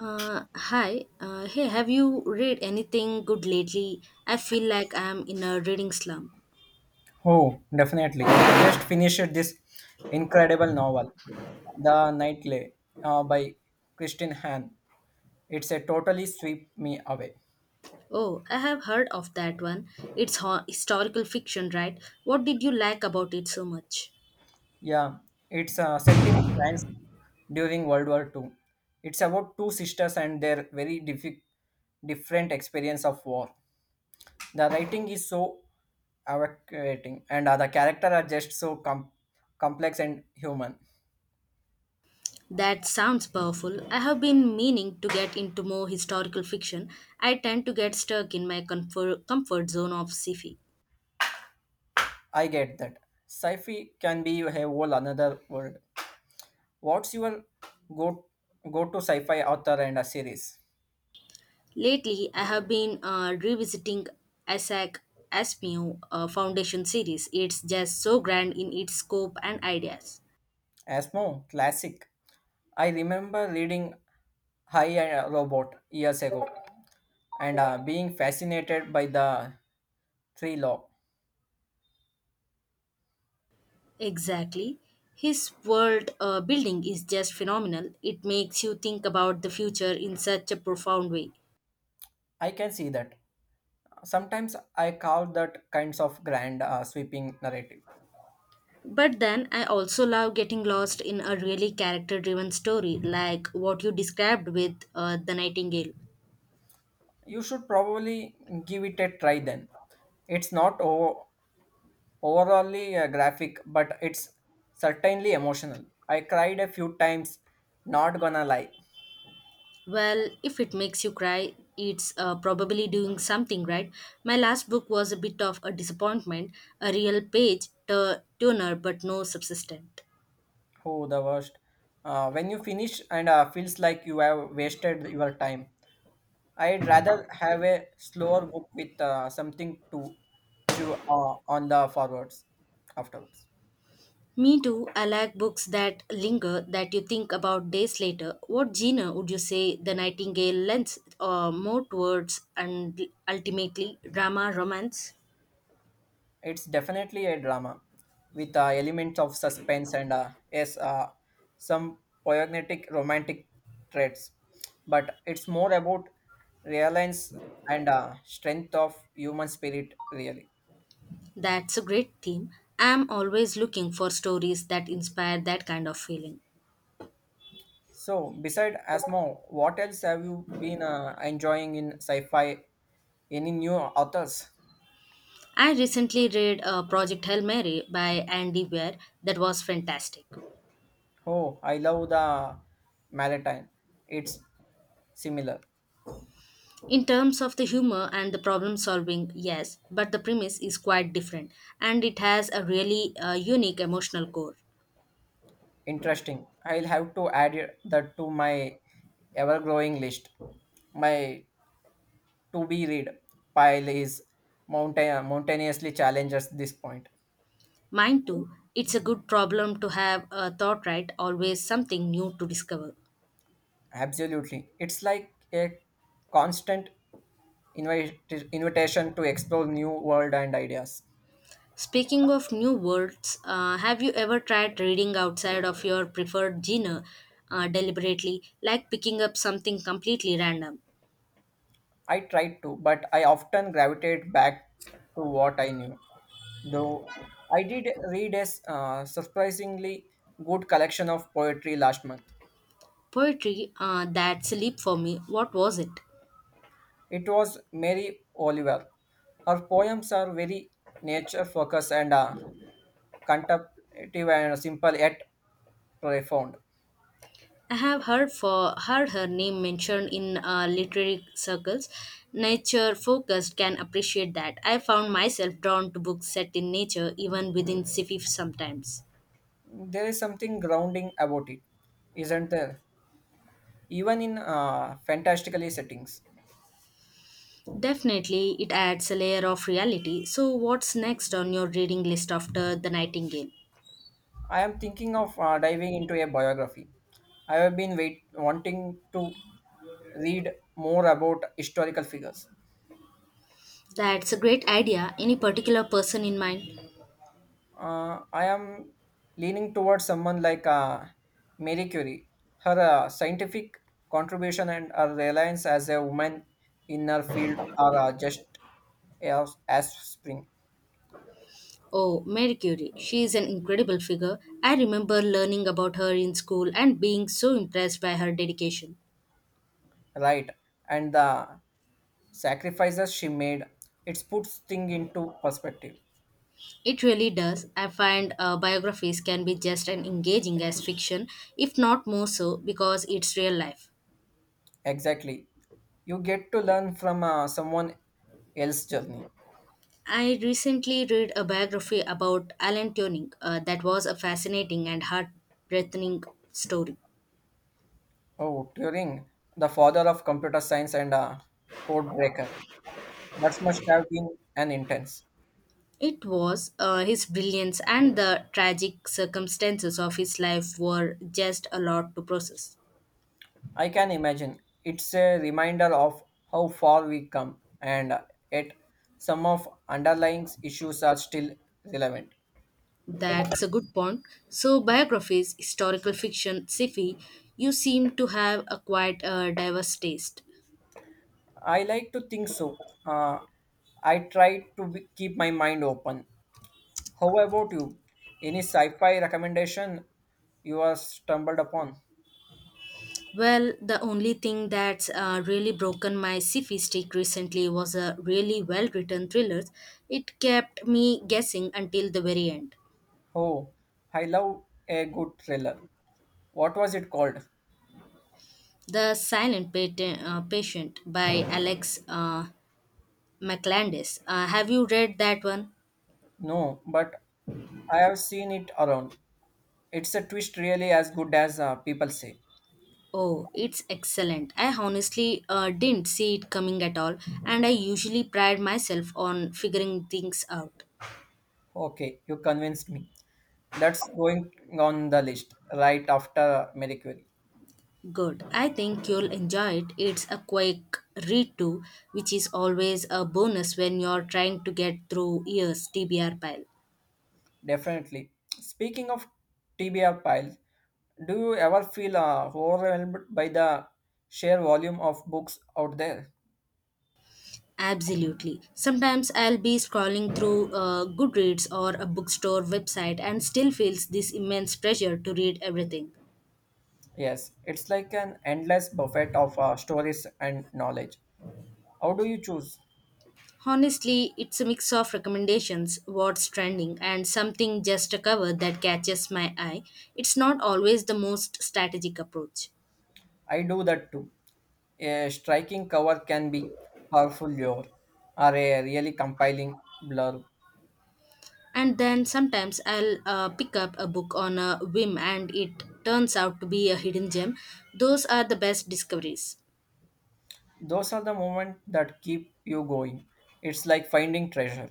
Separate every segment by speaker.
Speaker 1: Hi. Hey, have you read anything good lately? I feel like I am in a reading slump.
Speaker 2: Oh, definitely. I just finished this incredible novel, The Nightly, by Christine Hahn. It's a totally sweep me away.
Speaker 1: Oh, I have heard of that one. It's historical fiction, right? What did you like about it so much?
Speaker 2: Yeah, it's set in France during World War Two. It's about two sisters and their different experience of war. The writing is so evocating, and the characters are just complex and human.
Speaker 1: That sounds powerful. I have been meaning to get into more historical fiction. I tend to get stuck in my comfort zone of sci-fi.
Speaker 2: I get that. Sci-fi can be a whole another world. What's your go go to sci-fi author and a series?
Speaker 1: Lately, I have been revisiting Isaac Asimov Foundation series. It's just so grand in its scope and ideas.
Speaker 2: Asmo, classic. I remember reading High and Robot years ago and being fascinated by the tree law.
Speaker 1: Exactly. His world building is just phenomenal. It makes you think about the future in such a profound way.
Speaker 2: I can see that. Sometimes I call that kinds of grand sweeping narrative.
Speaker 1: But then I also love getting lost in a really character driven story like what you described with The Nightingale.
Speaker 2: You should probably give it a try then. It's not o- overallly graphic, but it's certainly emotional. I cried a few times, not gonna lie.
Speaker 1: Well, if it makes you cry, it's probably doing something right. My last book was a bit of a disappointment, a real turner, but no subsistent.
Speaker 2: Oh, the worst. When you finish and feels like you have wasted your time. I'd rather have a slower book with something to chew on the forwards afterwards.
Speaker 1: Me too. I like books that linger, that you think about days later. What genre would you say The Nightingale lends more towards and ultimately drama, romance?
Speaker 2: It's definitely a drama with elements of suspense and yes, some poignant romantic traits. But it's more about reliance and strength of human spirit, really.
Speaker 1: That's a great theme. I'm always looking for stories that inspire that kind of feeling.
Speaker 2: So, beside Asmo, what else have you been enjoying in sci-fi? Any new authors?
Speaker 1: I recently read Project Hail Mary by Andy Weir, that was fantastic.
Speaker 2: Oh, I love the Malatine. It's similar,
Speaker 1: In terms of the humor and the problem solving, yes, but the premise is quite different and it has a really unique emotional core.
Speaker 2: interesting. I'll have to add it- that to my ever-growing list. My to-be read pile is mountainously challenged at this point.
Speaker 1: Mine too. It's a good problem to have, a thought right, always something new to discover.
Speaker 2: Absolutely, it's like a constant invite- invitation to explore new world and ideas.
Speaker 1: Speaking of new words, have you ever tried reading outside of your preferred genre deliberately, like picking up something completely random?
Speaker 2: I tried to, but I often gravitated back to what I knew. Though I did read a surprisingly good collection of poetry last month.
Speaker 1: Poetry, that's a leap for me. What was it?
Speaker 2: It was Mary Oliver. Her poems are very nature focused and contemplative and simple yet profound.
Speaker 1: I have heard her name mentioned in literary circles. Nature focused, can appreciate that. I found myself drawn to books set in nature, even within sci-fi sometimes.
Speaker 2: There is something grounding about it, isn't there? Even in fantastically settings.
Speaker 1: Definitely, it adds a layer of reality. So, what's next on your reading list after The Nightingale?
Speaker 2: I am thinking of diving into a biography. I have been wanting to read more about historical figures.
Speaker 1: That's a great idea. Any particular person in mind?
Speaker 2: I am leaning towards someone like Marie Curie. Her scientific contribution and her reliance as a woman in her field are just as spring,
Speaker 1: Oh, Mary Curie. She is an incredible figure. I remember learning about her in school and being so impressed by her dedication.
Speaker 2: right? And the sacrifices she made, it puts things into perspective.
Speaker 1: It really does. I find biographies can be just as engaging as fiction, if not more so, because it's real life.
Speaker 2: Exactly. You get to learn from someone else's journey.
Speaker 1: I recently read a biography about Alan Turing, that was a fascinating and heart-breathing story.
Speaker 2: Oh, Turing, the father of computer science and a code breaker. That must have been an intense.
Speaker 1: It was his brilliance and the tragic circumstances of his life were just a lot to process.
Speaker 2: I can imagine. It's a reminder of how far we come, and yet some of underlying issues are still relevant.
Speaker 1: That's a good point. So, biographies, historical fiction, sci-fi, you seem to have a quite diverse taste.
Speaker 2: I like to think so. Uh, I try to be, keep my mind open. How about you? Any sci-fi recommendation you have stumbled upon?
Speaker 1: Well, the only thing that's really broken my sci-fi streak recently was a really well-written thriller. It kept me guessing until the very end.
Speaker 2: Oh, I love a good thriller. What was it called?
Speaker 1: The Patient by Alex McLandis. Have you read that one?
Speaker 2: No, but I have seen it around. It's a twist really as good as people say.
Speaker 1: Oh, it's excellent. I honestly didn't see it coming at all, and I usually pride myself on figuring things out.
Speaker 2: Okay, you convinced me. That's going on the list right after *Mercury*.
Speaker 1: Good. I think you'll enjoy it. It's a quick read too, which is always a bonus when you're trying to get through years TBR pile.
Speaker 2: Definitely. Speaking of TBR pile, do you ever feel overwhelmed by the sheer volume of books out there?
Speaker 1: Absolutely. Sometimes I'll be scrolling through Goodreads or a bookstore website and still feels this immense pressure to read everything.
Speaker 2: Yes, it's like an endless buffet of stories and knowledge. How do you choose?
Speaker 1: Honestly, it's a mix of recommendations, what's trending, and something just a cover that catches my eye. It's not always the most strategic approach.
Speaker 2: I do that too. A striking cover can be powerful lure or a really compelling blurb.
Speaker 1: And then sometimes I'll pick up a book on a whim and it turns out to be a hidden gem. Those are the best discoveries.
Speaker 2: Those are the moments that keep you going. It's like finding treasure.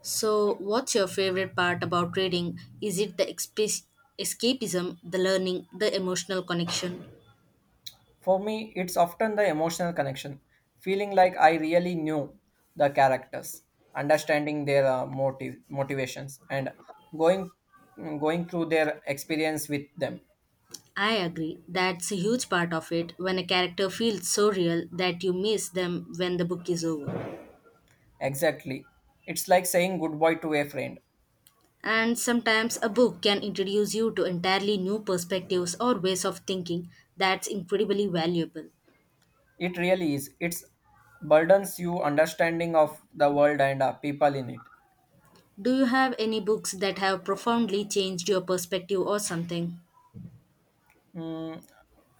Speaker 1: So, what's your favorite part about reading? Is it the escapism, the learning, the emotional connection?
Speaker 2: For me, it's often the emotional connection, feeling like I really knew the characters, understanding their motive motivations, and going going through their experience with them.
Speaker 1: I agree. That's a huge part of it when a character feels so real that you miss them when the book is over.
Speaker 2: Exactly. It's like saying goodbye to a friend.
Speaker 1: And sometimes a book can introduce you to entirely new perspectives or ways of thinking that's incredibly valuable.
Speaker 2: It really is. It burdens you understanding of the world and people in it.
Speaker 1: Do you have any books that have profoundly changed your perspective or something?
Speaker 2: Mm,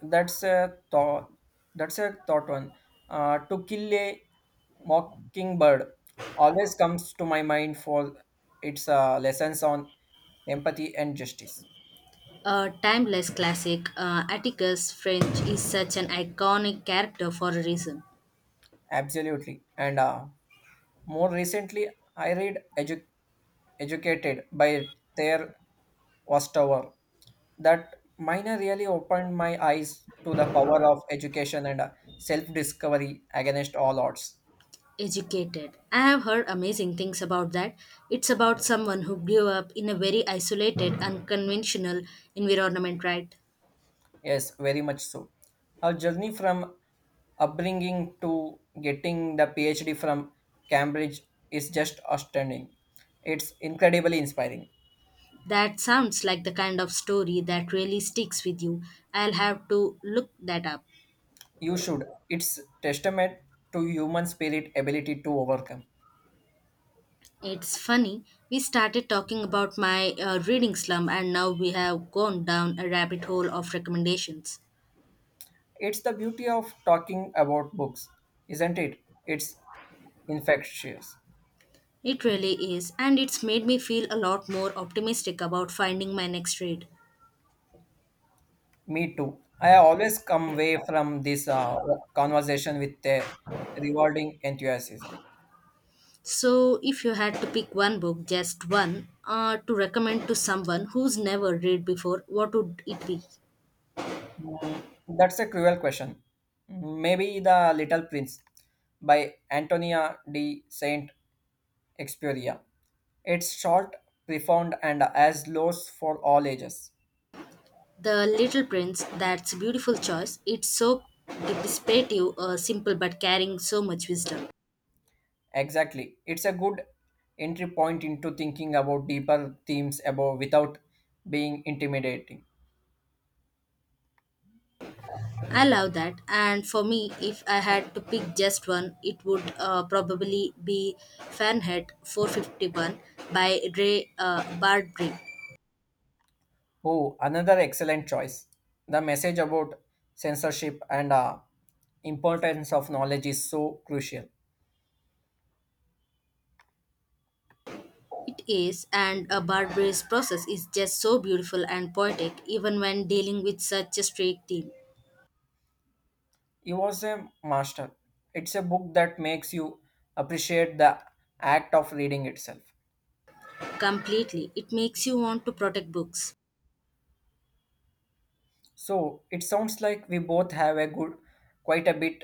Speaker 2: that's a thought. That's a thought one. To kill a mockingbird always comes to my mind for its lessons on empathy and justice.
Speaker 1: A timeless classic, Atticus French is such an iconic character for a reason.
Speaker 2: Absolutely. And more recently, I read edu- Educated by Ther Ostover that minor really opened my eyes to the power of education and self discovery against all odds.
Speaker 1: Educated. I have heard amazing things about that. It's about someone who grew up in a very isolated, unconventional environment, right?
Speaker 2: Yes, very much so. Her journey from upbringing to getting the PhD from Cambridge is just outstanding. It's incredibly inspiring.
Speaker 1: That sounds like the kind of story that really sticks with you. I'll have to look that up.
Speaker 2: You should. It's testament to human spirit ability to overcome.
Speaker 1: It's funny, we started talking about my reading slump and now we have gone down a rabbit hole of recommendations.
Speaker 2: It's the beauty of talking about books, isn't it? It's infectious.
Speaker 1: It really is, and it's made me feel a lot more optimistic about finding my next read.
Speaker 2: Me too. I always come away from this conversation with a rewarding enthusiasm.
Speaker 1: So, if you had to pick one book, just one, to recommend to someone who's never read before, what would it be?
Speaker 2: Mm, that's a cruel question. Maybe The Little Prince by Antonia de Saint Experia. It's short, profound, and as lows for all ages.
Speaker 1: The Little Prince, that's a beautiful choice. It's so dissipative, simple, but carrying so much wisdom.
Speaker 2: Exactly. It's a good entry point into thinking about deeper themes above without being intimidating.
Speaker 1: I love that. And for me, if I had to pick just one, it would probably be Fahrenheit 451 by Ray Bradbury.
Speaker 2: Oh, another excellent choice. The message about censorship and importance of knowledge is so crucial.
Speaker 1: It is, and Bradbury's process is just so beautiful and poetic, even when dealing with such a strict theme.
Speaker 2: He was a master. It's a book that makes you appreciate the act of reading itself.
Speaker 1: Completely, it makes you want to protect books.
Speaker 2: So it sounds like we both have quite a bit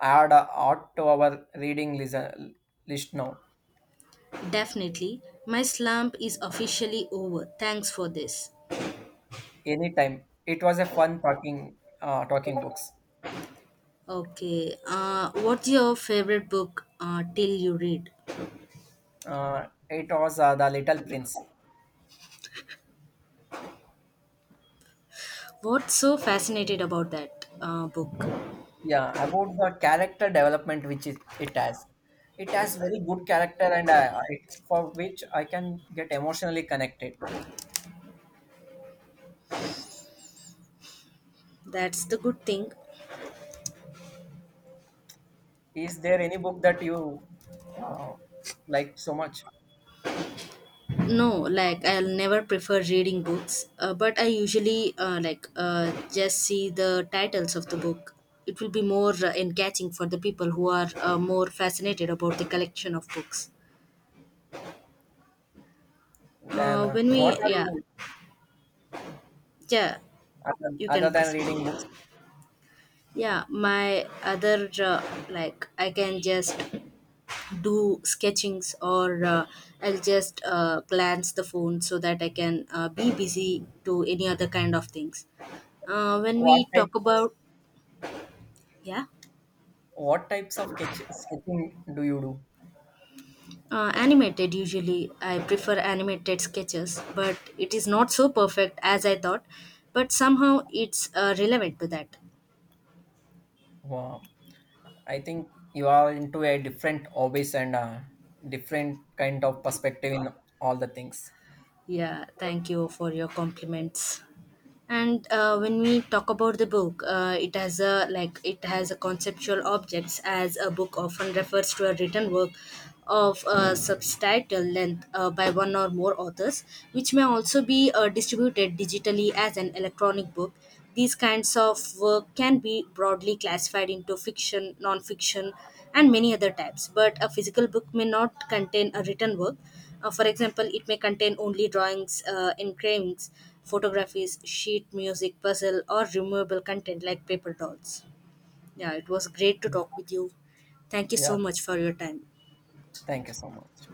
Speaker 2: add out to our list now.
Speaker 1: Definitely, my slump is officially over. Thanks for this.
Speaker 2: Anytime. It was a fun talking books.
Speaker 1: Okay, what's your favorite book till you read?
Speaker 2: It was The Little Prince.
Speaker 1: What's so fascinated about that book?
Speaker 2: Yeah, about the character development which it has very good character, and I for which I can get emotionally connected.
Speaker 1: That's the good thing.
Speaker 2: Is there any book that you uh, like so much?
Speaker 1: No, like I'll never prefer reading books, but I usually like just see the titles of the book. It will be more engaging for the people who are more fascinated about the collection of books.
Speaker 2: Then
Speaker 1: When
Speaker 2: what
Speaker 1: we
Speaker 2: are
Speaker 1: yeah,
Speaker 2: you,
Speaker 1: yeah, you
Speaker 2: other
Speaker 1: can
Speaker 2: than
Speaker 1: proceed.
Speaker 2: reading books?
Speaker 1: Yeah, my other like I can just do sketchings or I'll just glance the phone so that I can be busy to any other kind of things when
Speaker 2: What
Speaker 1: we
Speaker 2: type
Speaker 1: talk
Speaker 2: of,
Speaker 1: about, yeah.
Speaker 2: what types of sketching do you do?
Speaker 1: Uh, animated, usually I prefer animated sketches but it is not so perfect as I thought, but somehow it's relevant to that.
Speaker 2: Wow. I think you are into a different hobbies and different kind of perspective in all the things.
Speaker 1: Yeah, thank you for your compliments. And when we talk about the book, it has a, it has a conceptual objects, as a book often refers to a written work of a substantial length by one or more authors, which may also be distributed digitally as an electronic book. These kinds of work can be broadly classified into fiction, non-fiction, and many other types, but a physical book may not contain a written work. For example, it may contain only drawings, engravings, photographies, sheet music, puzzle, or removable content like paper dolls. Yeah, it was great to talk with you. Thank you
Speaker 2: Yeah,
Speaker 1: so much for your time.
Speaker 2: thank you so much.